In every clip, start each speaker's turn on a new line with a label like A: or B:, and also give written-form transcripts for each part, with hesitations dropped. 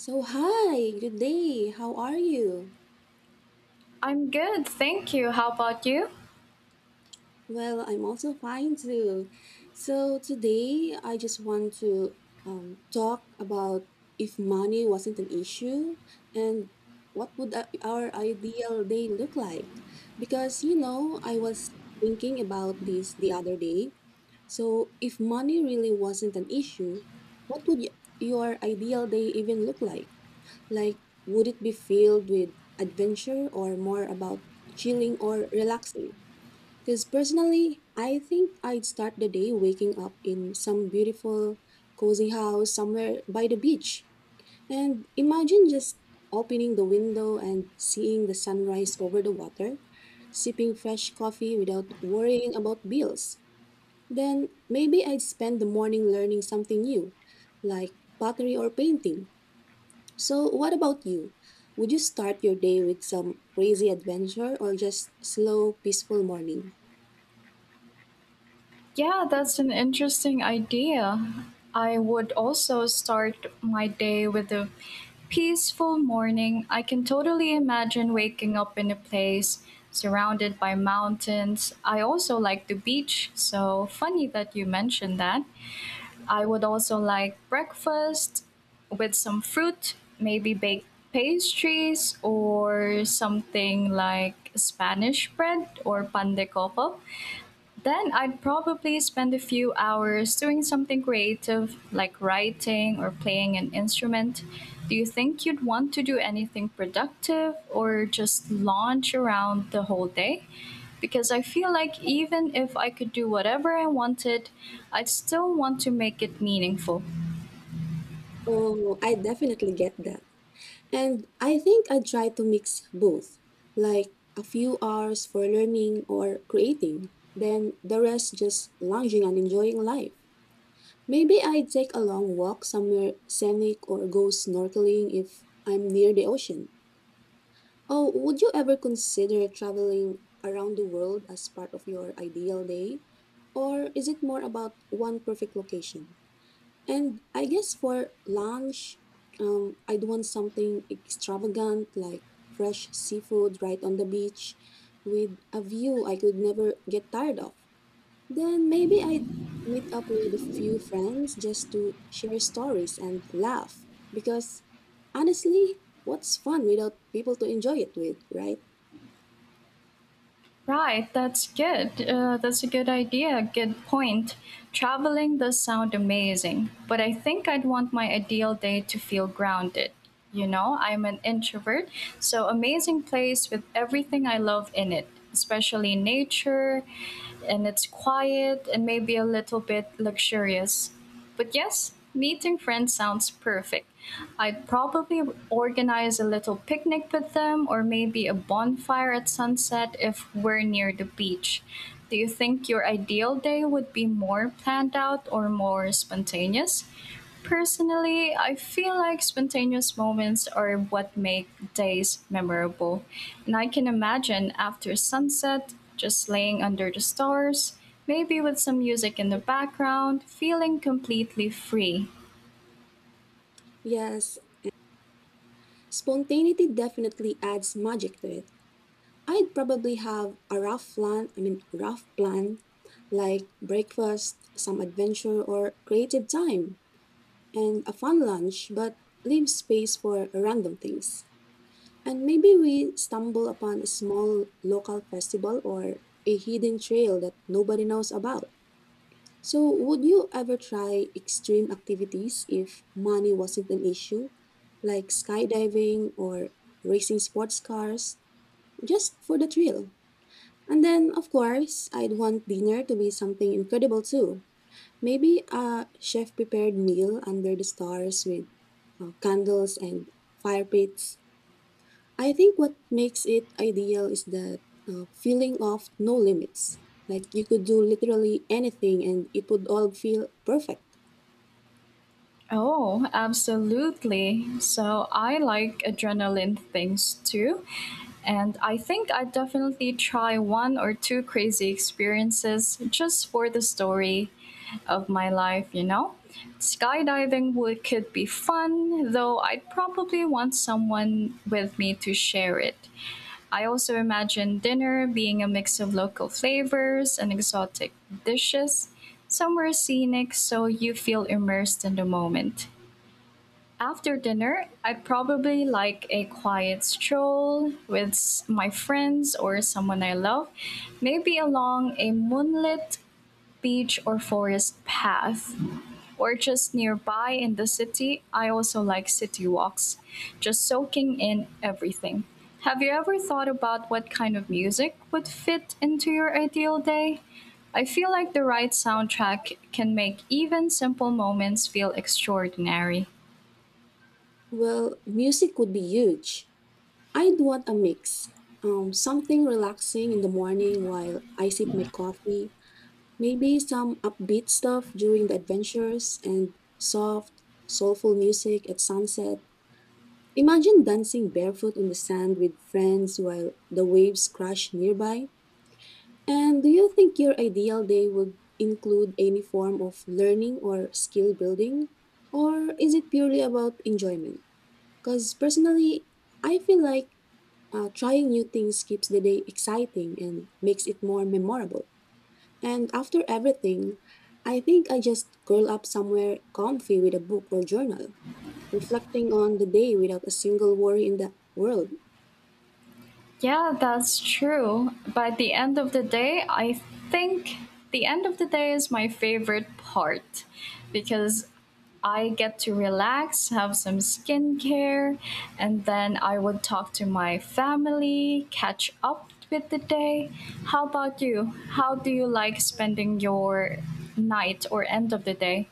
A: So, hi, good day. How are you?
B: I'm good, thank you. How about you?
A: Well, I'm also fine too. So, today I just want to talk about if money wasn't an issue and what would our ideal day look like? Because, you know, I was thinking about this the other day. So, if money really wasn't an issue, what would your ideal day even look like? Like, would it be filled with adventure or more about chilling or relaxing? Because personally, I think I'd start the day waking up in some beautiful, cozy house somewhere by the beach. And imagine just opening the window and seeing the sunrise over the water, sipping fresh coffee without worrying about bills. Then maybe I'd spend the morning learning something new, like pottery or painting so, what about you? Would you start your day with some crazy adventure or just slow, peaceful morning?
B: Yeah, that's an interesting idea. I would also start my day with a peaceful morning. I can totally imagine waking up in a place surrounded by mountains. I also like the beach, so funny that you mentioned that. I would also like breakfast with some fruit, maybe baked pastries or something like Spanish bread or pan de coco. Then I'd probably spend a few hours doing something creative, like writing or playing an instrument. Do you think you'd want to do anything productive or just lounge around the whole day? Because I feel like even if I could do whatever I wanted, I'd still want to make it meaningful.
A: Oh, I definitely get that. And I think I try to mix both, like a few hours for learning or creating, then the rest just lounging and enjoying life. Maybe I'd take a long walk somewhere scenic or go snorkeling if I'm near the ocean. Oh, would you ever consider traveling around the world as part of your ideal day? Or is it more about one perfect location? And I guess for lunch, I'd want something extravagant like fresh seafood right on the beach with a view I could never get tired of. Then maybe I'd meet up with a few friends just to share stories and laugh. Because honestly, what's fun without people to enjoy it with, right?
B: Right, that's good. That's a good idea, good point. Traveling does sound amazing, but I think I'd want my ideal day to feel grounded. You know, I'm an introvert, so amazing place with everything I love in it, especially nature, and it's quiet and maybe a little bit luxurious. But yes, meeting friends sounds perfect. I'd probably organize a little picnic with them or maybe a bonfire at sunset if we're near the beach. Do you think your ideal day would be more planned out or more spontaneous? Personally, I feel like spontaneous moments are what make days memorable. And I can imagine after sunset, just laying under the stars, maybe with some music in the background, feeling completely free.
A: Yes, spontaneity definitely adds magic to it. I'd probably have a rough plan, like breakfast, some adventure, or creative time, and a fun lunch, but leave space for random things. And maybe we stumble upon a small local festival or a hidden trail that nobody knows about. So, would you ever try extreme activities if money wasn't an issue, like skydiving or racing sports cars, just for the thrill? And then, of course, I'd want dinner to be something incredible too. Maybe a chef prepared meal under the stars with candles and fire pits I think what makes it ideal is that feeling of no limits. Like you could do literally anything and it would all feel perfect.
B: Oh, absolutely. So I like adrenaline things too. And I think I'd definitely try one or two crazy experiences just for the story of my life, you know? Skydiving would could be fun, though I'd probably want someone with me to share it. I also imagine dinner being a mix of local flavors and exotic dishes, somewhere scenic so you feel immersed in the moment. After dinner, I probably like a quiet stroll with my friends or someone I love, maybe along a moonlit beach or forest path, or just nearby in the city. I also like city walks, just soaking in everything. Have you ever thought about what kind of music would fit into your ideal day? I feel like the right soundtrack can make even simple moments feel extraordinary.
A: Well, music would be huge. I'd want a mix. Something relaxing in the morning while I sip my coffee, maybe some upbeat stuff during the adventures, and soft, soulful music at sunset. Imagine dancing barefoot on the sand with friends while the waves crash nearby. And do you think your ideal day would include any form of learning or skill building? Or is it purely about enjoyment? Because personally, I feel like trying new things keeps the day exciting and makes it more memorable. And after everything, I think I just curl up somewhere comfy with a book or journal, reflecting on the day without a single worry in the world.
B: Yeah, that's true. But at the end of the day, I think the end of the day is my favorite part because I get to relax, have some skincare, and then I would talk to my family, catch up with the day. How about you? How do you like spending your night or end of the day?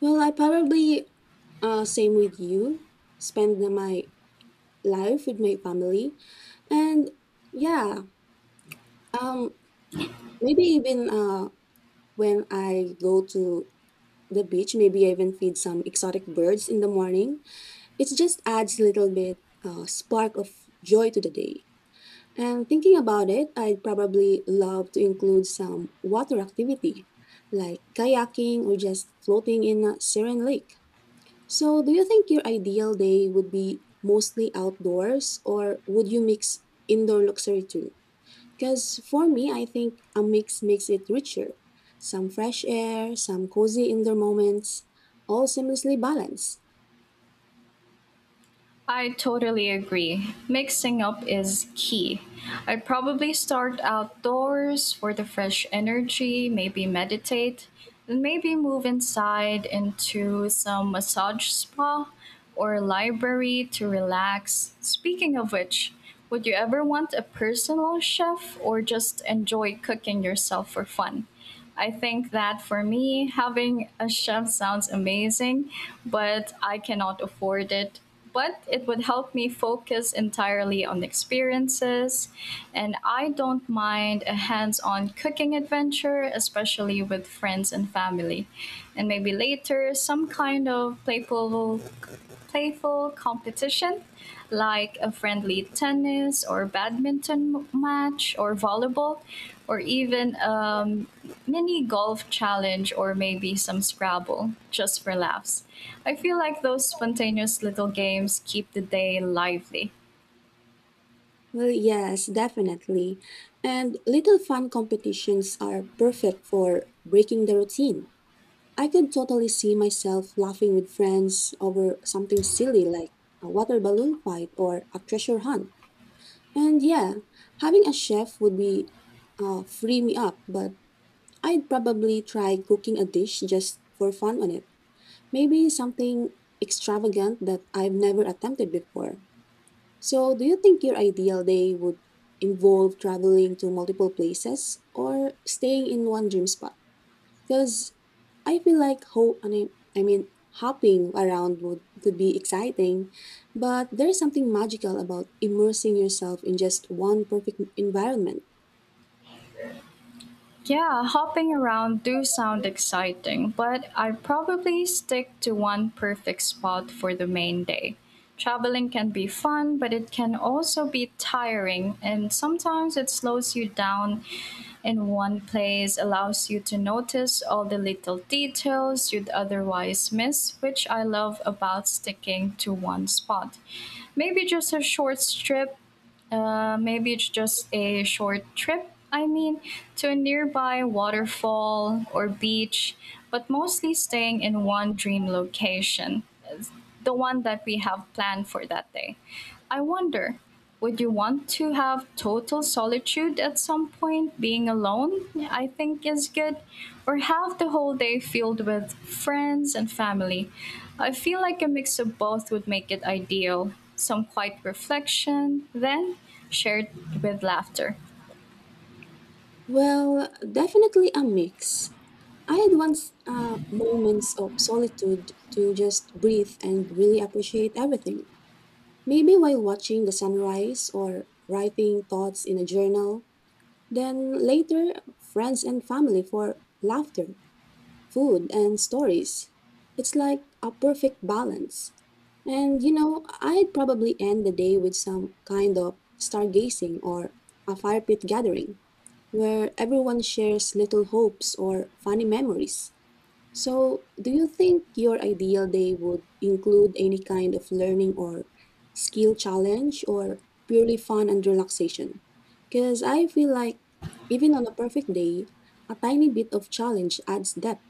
A: Well, I probably same with you. Spend my life with my family. And yeah, um, maybe even when I go to the beach, maybe I even feed some exotic birds in the morning. It just adds a little bit spark of joy to the day. And thinking about it, I'd probably love to include some water activity like kayaking or just floating in a serene lake. So, do you think your ideal day would be mostly outdoors or would you mix indoor luxury too? Because for me, I think a mix makes it richer. Some fresh air, some cozy indoor moments, all seamlessly balanced.
B: I totally agree. Mixing up is key. I probably start outdoors for the fresh energy, maybe meditate, and maybe move inside into some massage spa or library to relax. Speaking of which, would you ever want a personal chef or just enjoy cooking yourself for fun? I think that for me, having a chef sounds amazing, but I cannot afford it. But it would help me focus entirely on experiences, and I don't mind a hands on cooking adventure, especially with friends and family. And maybe later, some kind of playful competition like a friendly tennis or badminton match or volleyball or even mini golf challenge or maybe some Scrabble just for laughs. I feel like those spontaneous little games keep the day lively.
A: Well, yes, definitely. And little fun competitions are perfect for breaking the routine. I could totally see myself laughing with friends over something silly like a water balloon fight or a treasure hunt. And yeah, having a chef would be free me up, but I'd probably try cooking a dish just for fun on it. Maybe something extravagant that I've never attempted before. So, do you think your ideal day would involve traveling to multiple places or staying in one dream spot? Because I feel like I mean hopping around would could be exciting, but there's something magical about immersing yourself in just one perfect environment.
B: Yeah, hopping around do sound exciting, but I'd probably stick to one perfect spot for the main day. Traveling can be fun, but it can also be tiring, and sometimes it slows you down in one place, allows you to notice all the little details you'd otherwise miss, which I love about sticking to one spot. Maybe just a short strip Maybe it's just a short trip, to a nearby waterfall or beach, but mostly staying in one dream location, the one that we have planned for that day. I wonder, would you want to have total solitude at some point? Being alone, I think, is good, or have the whole day filled with friends and family. I feel like a mix of both would make it ideal some quiet reflection, then shared with laughter.
A: Well, definitely a mix. I had once moments of solitude to just breathe and really appreciate everything. Maybe while watching the sunrise or writing thoughts in a journal, then later, friends and family for laughter, food, and stories. It's like a perfect balance. And you know, I'd probably end the day with some kind of stargazing or a fire pit gathering where everyone shares little hopes or funny memories. So, do you think your ideal day would include any kind of learning or skill challenge or purely fun and relaxation? Because I feel like even on a perfect day, a tiny bit of challenge adds depth.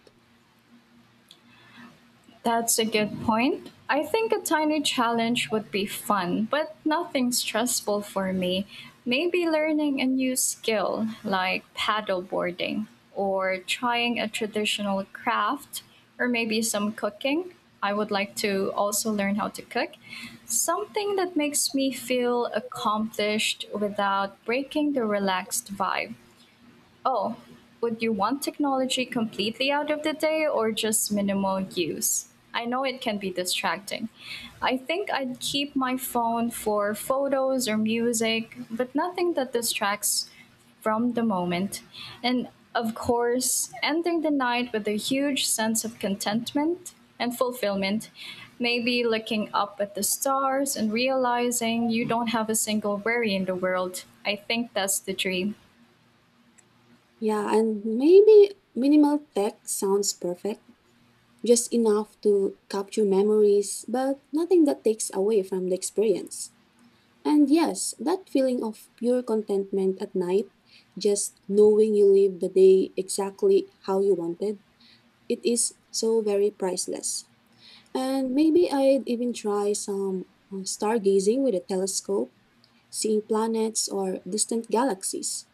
B: That's a good point. I think a tiny challenge would be fun, but nothing stressful for me. Maybe learning a new skill like paddleboarding or trying a traditional craft or maybe some cooking. I would like to also learn how to cook. Something that makes me feel accomplished without breaking the relaxed vibe. Oh, would you want technology completely out of the day or just minimal use? I know it can be distracting. I think I'd keep my phone for photos or music, but nothing that distracts from the moment. And of course, ending the night with a huge sense of contentment and fulfillment. Maybe looking up at the stars and realizing you don't have a single worry in the world. I think that's the dream.
A: Yeah, and maybe minimal tech sounds perfect, just enough to capture memories, but nothing that takes away from the experience. And yes, that feeling of pure contentment at night, just knowing you live the day exactly how you wanted, it is so very priceless. And maybe I'd even try some stargazing with a telescope, seeing planets or distant galaxies.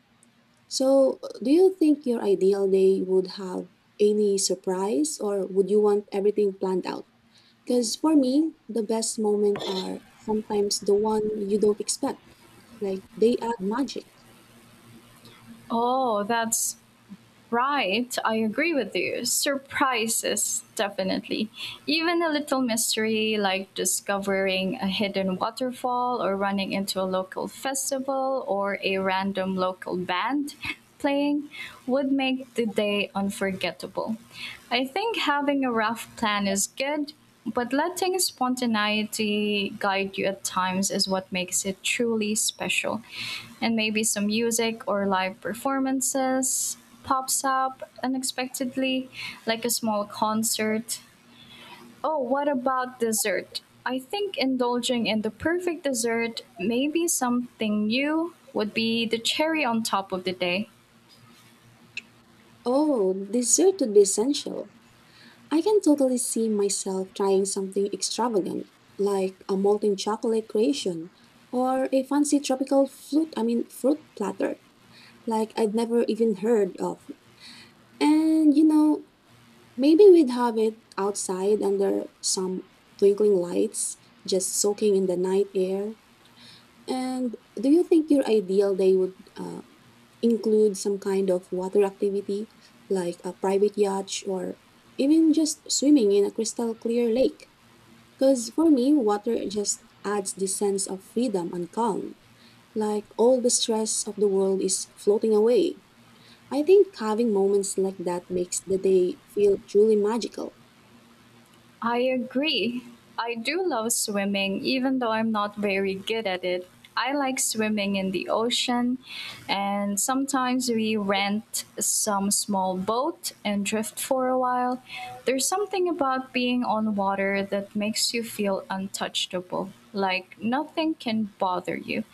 A: So, do you think your ideal day would have any surprise or would you want everything planned out? Because for me, the best moments are sometimes the one you don't expect. Like they add magic.
B: Oh, that's Right, I agree with you. Surprises, definitely. Even a little mystery like discovering a hidden waterfall or running into a local festival or a random local band playing would make the day unforgettable. I think having a rough plan is good, but letting spontaneity guide you at times is what makes it truly special. And maybe some music or live performances, pops up unexpectedly, like a small concert. Oh, what about dessert? I think indulging in the perfect dessert, maybe something new, would be the cherry on top of the day.
A: Oh, dessert would be essential. I can totally see myself trying something extravagant, like a molten chocolate creation or a fancy tropical fruit platter, like I'd never even heard of. And you know, maybe we'd have it outside under some twinkling lights, just soaking in the night air. And do you think your ideal day would include some kind of water activity, like a private yacht or even just swimming in a crystal clear lake? Because for me, water just adds this sense of freedom and calm. Like all the stress of the world is floating away. I think having moments like that makes the day feel truly magical.
B: I agree. I do love swimming, even though I'm not very good at it. I like swimming in the ocean, and sometimes we rent some small boat and drift for a while. There's something about being on water that makes you feel untouchable, like nothing can bother you.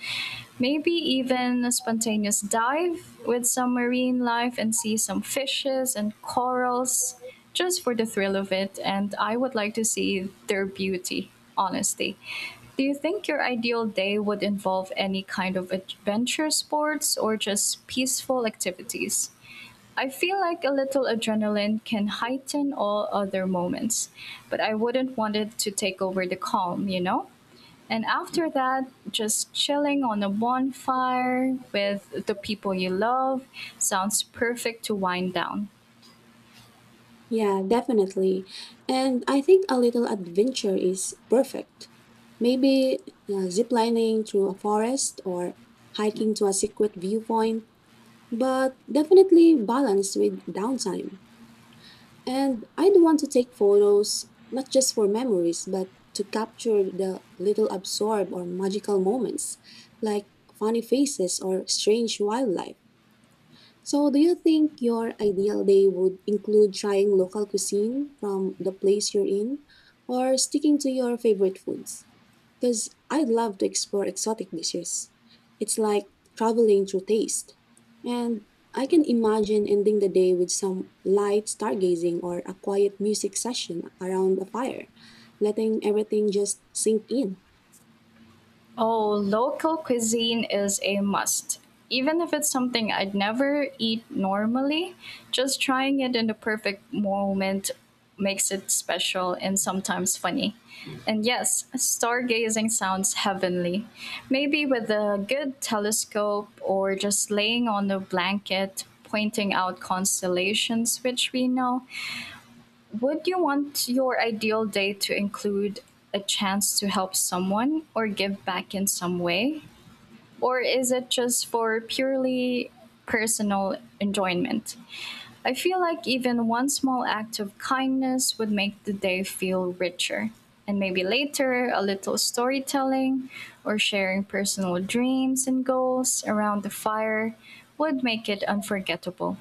B: Maybe even a spontaneous dive with some marine life and see some fishes and corals just for the thrill of it, and I would like to see their beauty, honestly. Do you think your ideal day would involve any kind of adventure sports or just peaceful activities? I feel like a little adrenaline can heighten all other moments, but I wouldn't want it to take over the calm, you know? And after that, just chilling on a bonfire with the people you love sounds perfect to wind down.
A: Yeah, definitely. And I think a little adventure is perfect. Maybe ziplining through a forest or hiking to a secret viewpoint, but definitely balanced with downtime. And I'd want to take photos not just for memories, but to capture the little absorb or magical moments, like funny faces or strange wildlife. So, do you think your ideal day would include trying local cuisine from the place you're in or sticking to your favorite foods? Because I'd love to explore exotic dishes. It's like traveling through taste. And I can imagine ending the day with some light stargazing or a quiet music session around a fire, letting everything just sink in.
B: Oh, local cuisine is a must. Even if it's something I'd never eat normally, just trying it in the perfect moment makes it special and sometimes funny. And yes, stargazing sounds heavenly. Maybe with a good telescope or just laying on a blanket, pointing out constellations, which we know, would you want your ideal day to include a chance to help someone or give back in some way? Or is it just for purely personal enjoyment? I feel like even one small act of kindness would make the day feel richer. And maybe later, a little storytelling or sharing personal dreams and goals around the fire would make it unforgettable.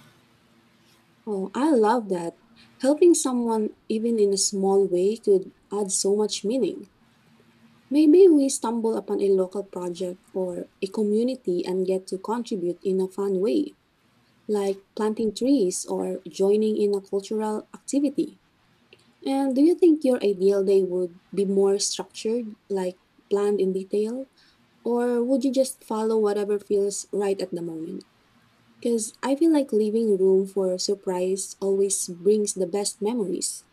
A: Oh, I love that. Helping someone, even in a small way, could add so much meaning. Maybe we stumble upon a local project or a community and get to contribute in a fun way, like planting trees or joining in a cultural activity. And do you think your ideal day would be more structured, like planned in detail? Or would you just follow whatever feels right at the moment? Because I feel like leaving room for surprise always brings the best memories.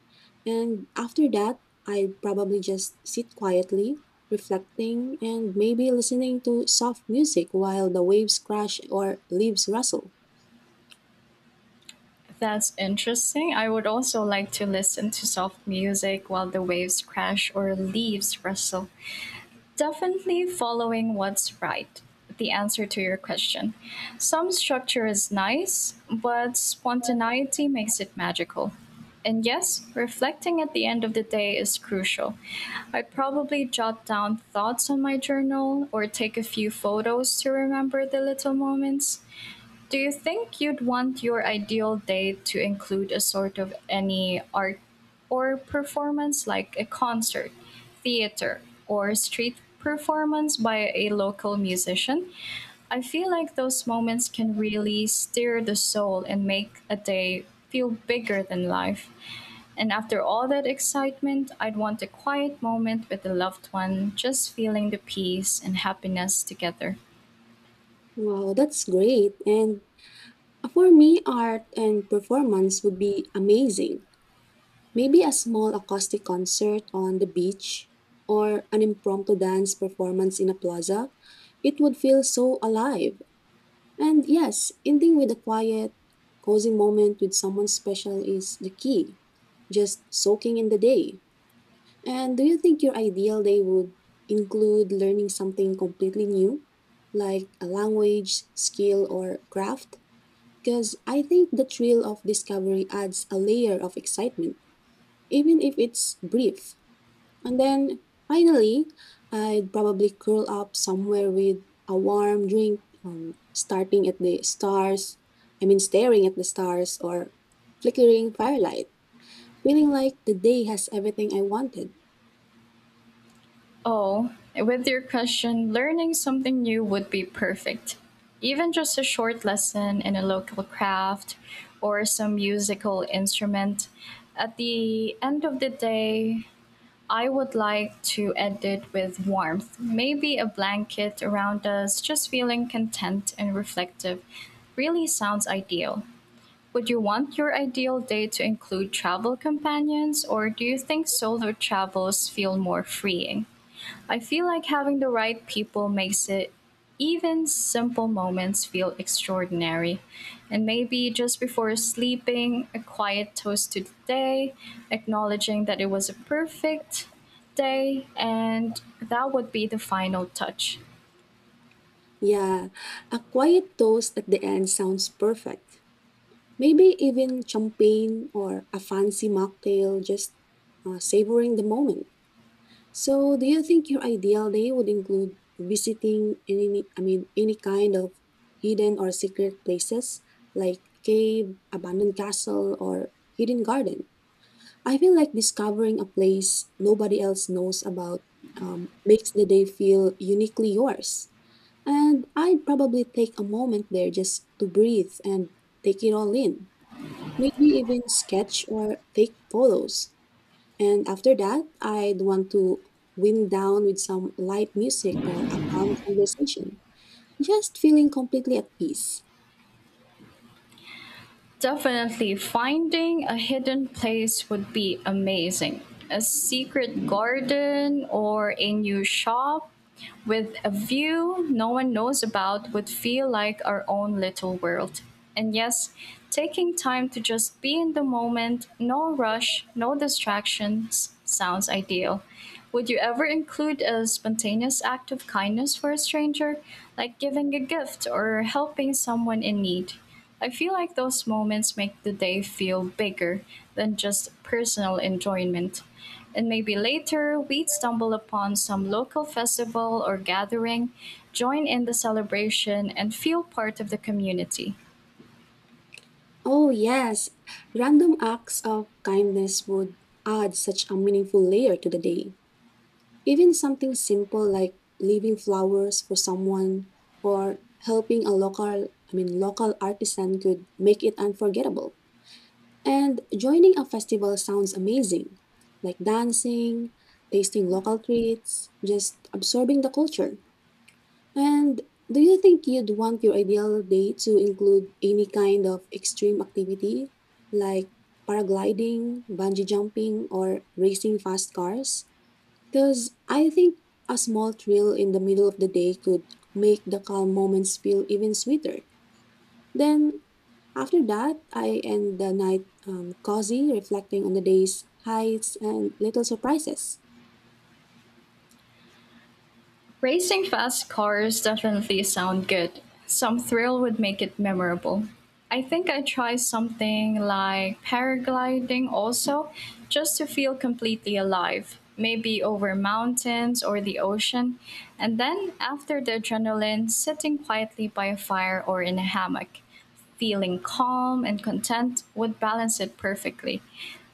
A: And after that, I probably just sit quietly, reflecting, and maybe listening to soft music while the waves crash or leaves rustle.
B: That's interesting. I would also like to listen to soft music while the waves crash or leaves rustle. Definitely following what's right. The answer to your question. Some structure is nice, but spontaneity makes it magical. And yes, reflecting at the end of the day is crucial. I'd probably jot down thoughts on my journal or take a few photos to remember the little moments. Do you think you'd want your ideal day to include a sort of any art or performance like a concert, theater, or street performance by a local musician? I feel like those moments can really stir the soul and make a day feel bigger than life. And after all that excitement, I'd want a quiet moment with a loved one, just feeling the peace and happiness together.
A: Wow, that's great. And for me, art and performance would be amazing. Maybe a small acoustic concert on the beach or an impromptu dance performance in a plaza. It would feel so alive. And yes, ending with a quiet, cozy moment with someone special is the key. Just soaking in the day. And do you think your ideal day would include learning something completely new, like a language, skill, or craft? Because I think the thrill of discovery adds a layer of excitement, even if it's brief. And then finally, I'd probably curl up somewhere with a warm drink, starting at the stars, I mean, staring at the stars or flickering firelight, feeling like the day has everything I wanted.
B: Oh, with your question, learning something new would be perfect. Even just a short lesson in a local craft or some musical instrument. At the end of the day, I would like to end it with warmth, maybe a blanket around us, just feeling content and reflective. Really sounds ideal. Would you want your ideal day to include travel companions, or do you think solo travels feel more freeing? I feel like having the right people makes it even simple moments feel extraordinary. And maybe just before sleeping, a quiet toast to the day, acknowledging that it was a perfect day, and that would be the final touch.
A: Yeah, a quiet toast at the end sounds perfect. Maybe even champagne or a fancy mocktail, just savoring the moment. So, do you think your ideal day would include visiting any, I mean, any kind of hidden or secret places like cave, abandoned castle, or hidden garden? I feel like discovering a place nobody else knows about makes the day feel uniquely yours. And I'd probably take a moment there just to breathe and take it all in. Maybe even sketch or take photos. And after that, I'd want to wind down with some light music or a calm conversation, just feeling completely at peace.
B: Definitely, finding a hidden place would be amazing. A secret garden or a new shop with a view no one knows about would feel like our own little world. And yes, taking time to just be in the moment, no rush, no distractions, sounds ideal. Would you ever include a spontaneous act of kindness for a stranger, like giving a gift or helping someone in need? I feel like those moments make the day feel bigger than just personal enjoyment and maybe later we'd stumble upon some local festival or gathering, join in the celebration, and feel part of the community.
A: Oh, yes, random acts of kindness would add such a meaningful layer to the day. Even something simple like leaving flowers for someone or helping a local artisan could make it unforgettable. And joining a festival sounds amazing, like dancing, tasting local treats, just absorbing the culture. And do you think you'd want your ideal day to include any kind of extreme activity like paragliding, bungee jumping, or racing fast cars? Because I think a small thrill in the middle of the day could make the calm moments feel even sweeter. Then, after that, I end the night cozy, reflecting on the day's highs and little surprises.
B: Racing fast cars definitely sound good. Some thrill would make it memorable. I think I'd try something like paragliding also, just to feel completely alive, maybe over mountains or the ocean, and then after the adrenaline, sitting quietly by a fire or in a hammock, feeling calm and content would balance it perfectly.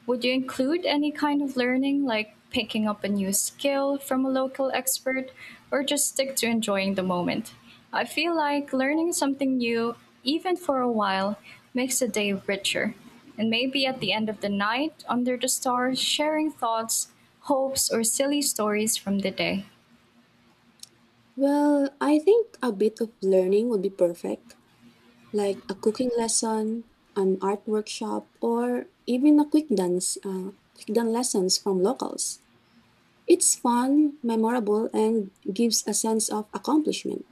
B: Would you include any kind of learning, like picking up a new skill from a local expert, or just stick to enjoying the moment? I feel like learning something new, even for a while, makes the day richer. And maybe at the end of the night, under the stars, sharing thoughts, hopes, or silly stories from the day.
A: Well, I think a bit of learning would be perfect, like a cooking lesson, an art workshop, or even a quick dance lessons from locals. It's fun, memorable, and gives a sense of accomplishment.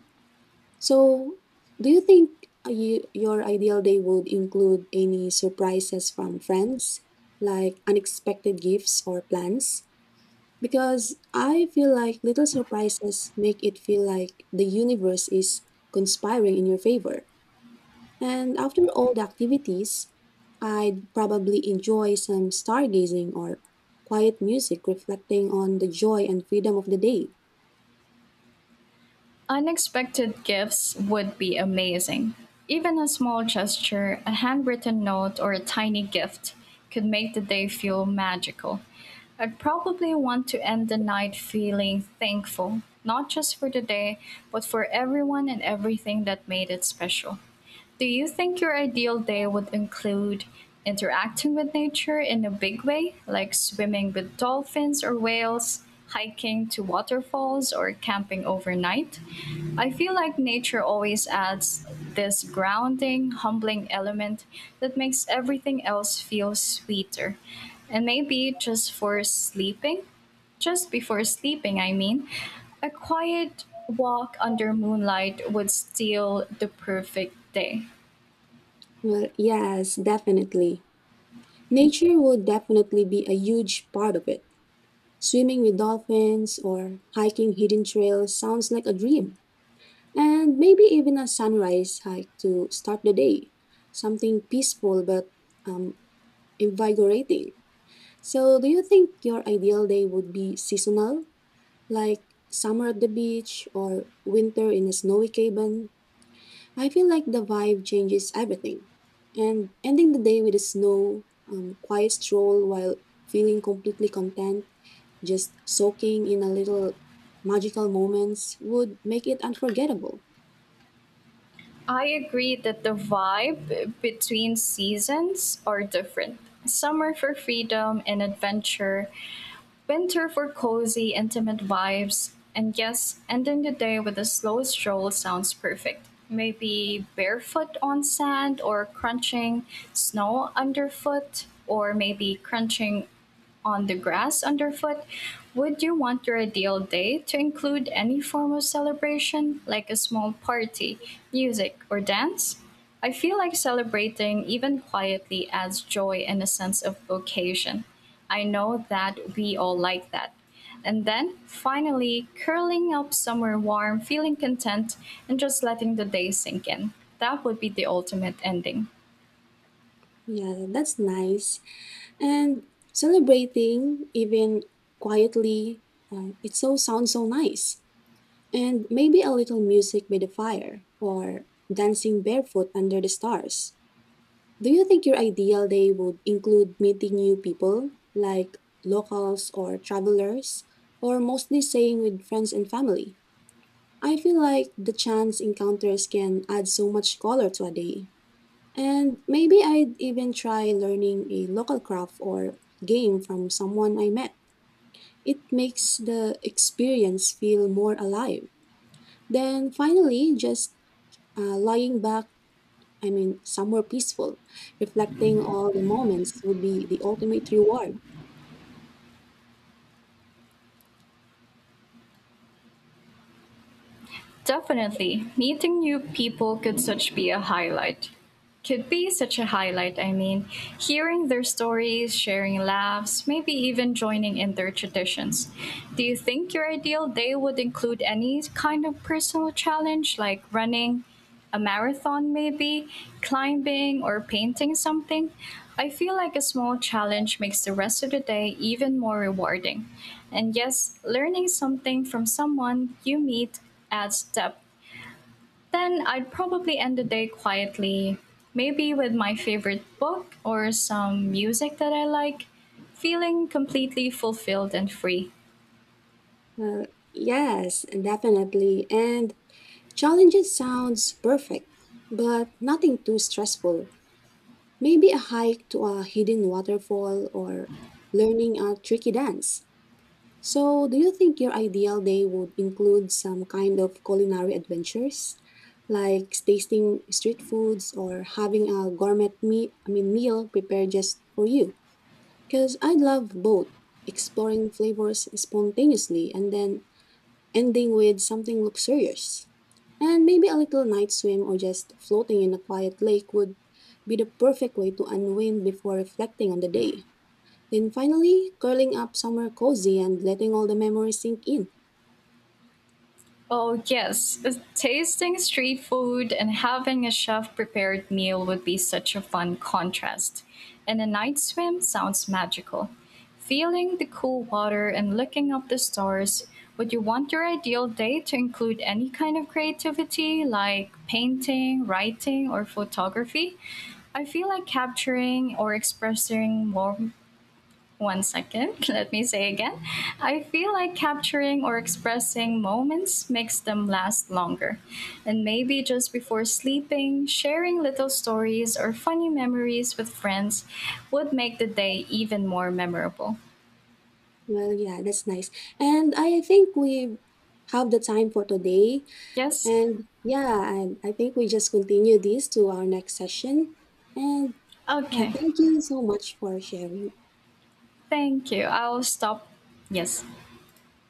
A: So, do you think your ideal day would include any surprises from friends, like unexpected gifts or plans? Because I feel like little surprises make it feel like the universe is conspiring in your favor. And after all the activities, I'd probably enjoy some stargazing or quiet music reflecting on the joy and freedom of the day.
B: Unexpected gifts would be amazing. Even a small gesture, a handwritten note, or a tiny gift could make the day feel magical. I'd probably want to end the night feeling thankful, not just for the day, but for everyone and everything that made it special. Do you think your ideal day would include interacting with nature in a big way, like swimming with dolphins or whales, hiking to waterfalls, or camping overnight? I feel like nature always adds this grounding, humbling element that makes everything else feel sweeter. And maybe just for sleeping? Just before sleeping, I mean. A quiet walk under moonlight would steal the perfect day.
A: Well, yes, definitely. Nature would definitely be a huge part of it. Swimming with dolphins or hiking hidden trails sounds like a dream. And maybe even a sunrise hike to start the day. Something peaceful but um, invigorating. So, do you think your ideal day would be seasonal? Like summer at the beach or winter in a snowy cabin. I feel like the vibe changes everything. And ending the day with a quiet stroll while feeling completely content, just soaking in a little magical moments would make it unforgettable.
B: I agree that the vibe between seasons are different. Summer for freedom and adventure, winter for cozy, intimate vibes, and yes, ending the day with a slow stroll sounds perfect. Maybe barefoot on sand or crunching snow underfoot, or maybe crunching on the grass underfoot. Would you want your ideal day to include any form of celebration, like a small party, music, or dance? I feel like celebrating, even quietly, adds joy and a sense of vocation. I know that we all like that. And then, finally, curling up somewhere warm, feeling content, and just letting the day sink in. That would be the ultimate ending.
A: Yeah, that's nice. And celebrating even quietly, it so sounds so nice. And maybe a little music by the fire or dancing barefoot under the stars. Do you think your ideal day would include meeting new people, like locals or travelers, or mostly staying with friends and family? I feel like the chance encounters can add so much color to a day. And maybe I'd even try learning a local craft or game from someone I met. It makes the experience feel more alive. Then finally, just lying back, I mean, somewhere peaceful, reflecting all the moments would be the ultimate reward.
B: Definitely, meeting new people could such be a highlight. Could be such a highlight, I mean, hearing their stories, sharing laughs, maybe even joining in their traditions. Do you think your ideal day would include any kind of personal challenge like running, a marathon maybe, climbing or painting something? I feel like a small challenge makes the rest of the day even more rewarding. And yes, learning something from someone you meet adds depth. Then I'd probably end the day quietly, maybe with my favorite book or some music that I like, feeling completely fulfilled and free.
A: Well, yes, definitely. And challenges sounds perfect, but nothing too stressful. Maybe a hike to a hidden waterfall or learning a tricky dance. So, do you think your ideal day would include some kind of culinary adventures, like tasting street foods or having a gourmet me- I mean meal prepared just for you? Because I love both exploring flavors spontaneously and then ending with something luxurious. And maybe a little night swim or just floating in a quiet lake would be the perfect way to unwind before reflecting on the day. Then finally, curling up somewhere cozy and letting all the memories sink in.
B: Oh, yes. Tasting street food and having a chef prepared meal would be such a fun contrast. And a night swim sounds magical. Feeling the cool water and looking up the stars, would you want your ideal day to include any kind of creativity like painting, writing, or photography? I feel like capturing or expressing more one second, let me say again. I feel like capturing or expressing moments makes them last longer. And maybe just before sleeping, sharing little stories or funny memories with friends would make the day even more memorable.
A: Well, yeah, that's nice. And I think we have the time for today.
B: Yes?
A: And I think we just continue this to our next session. And yeah,
B: Okay.
A: thank you so much for sharing.
B: Thank you. I'll stop. Yes.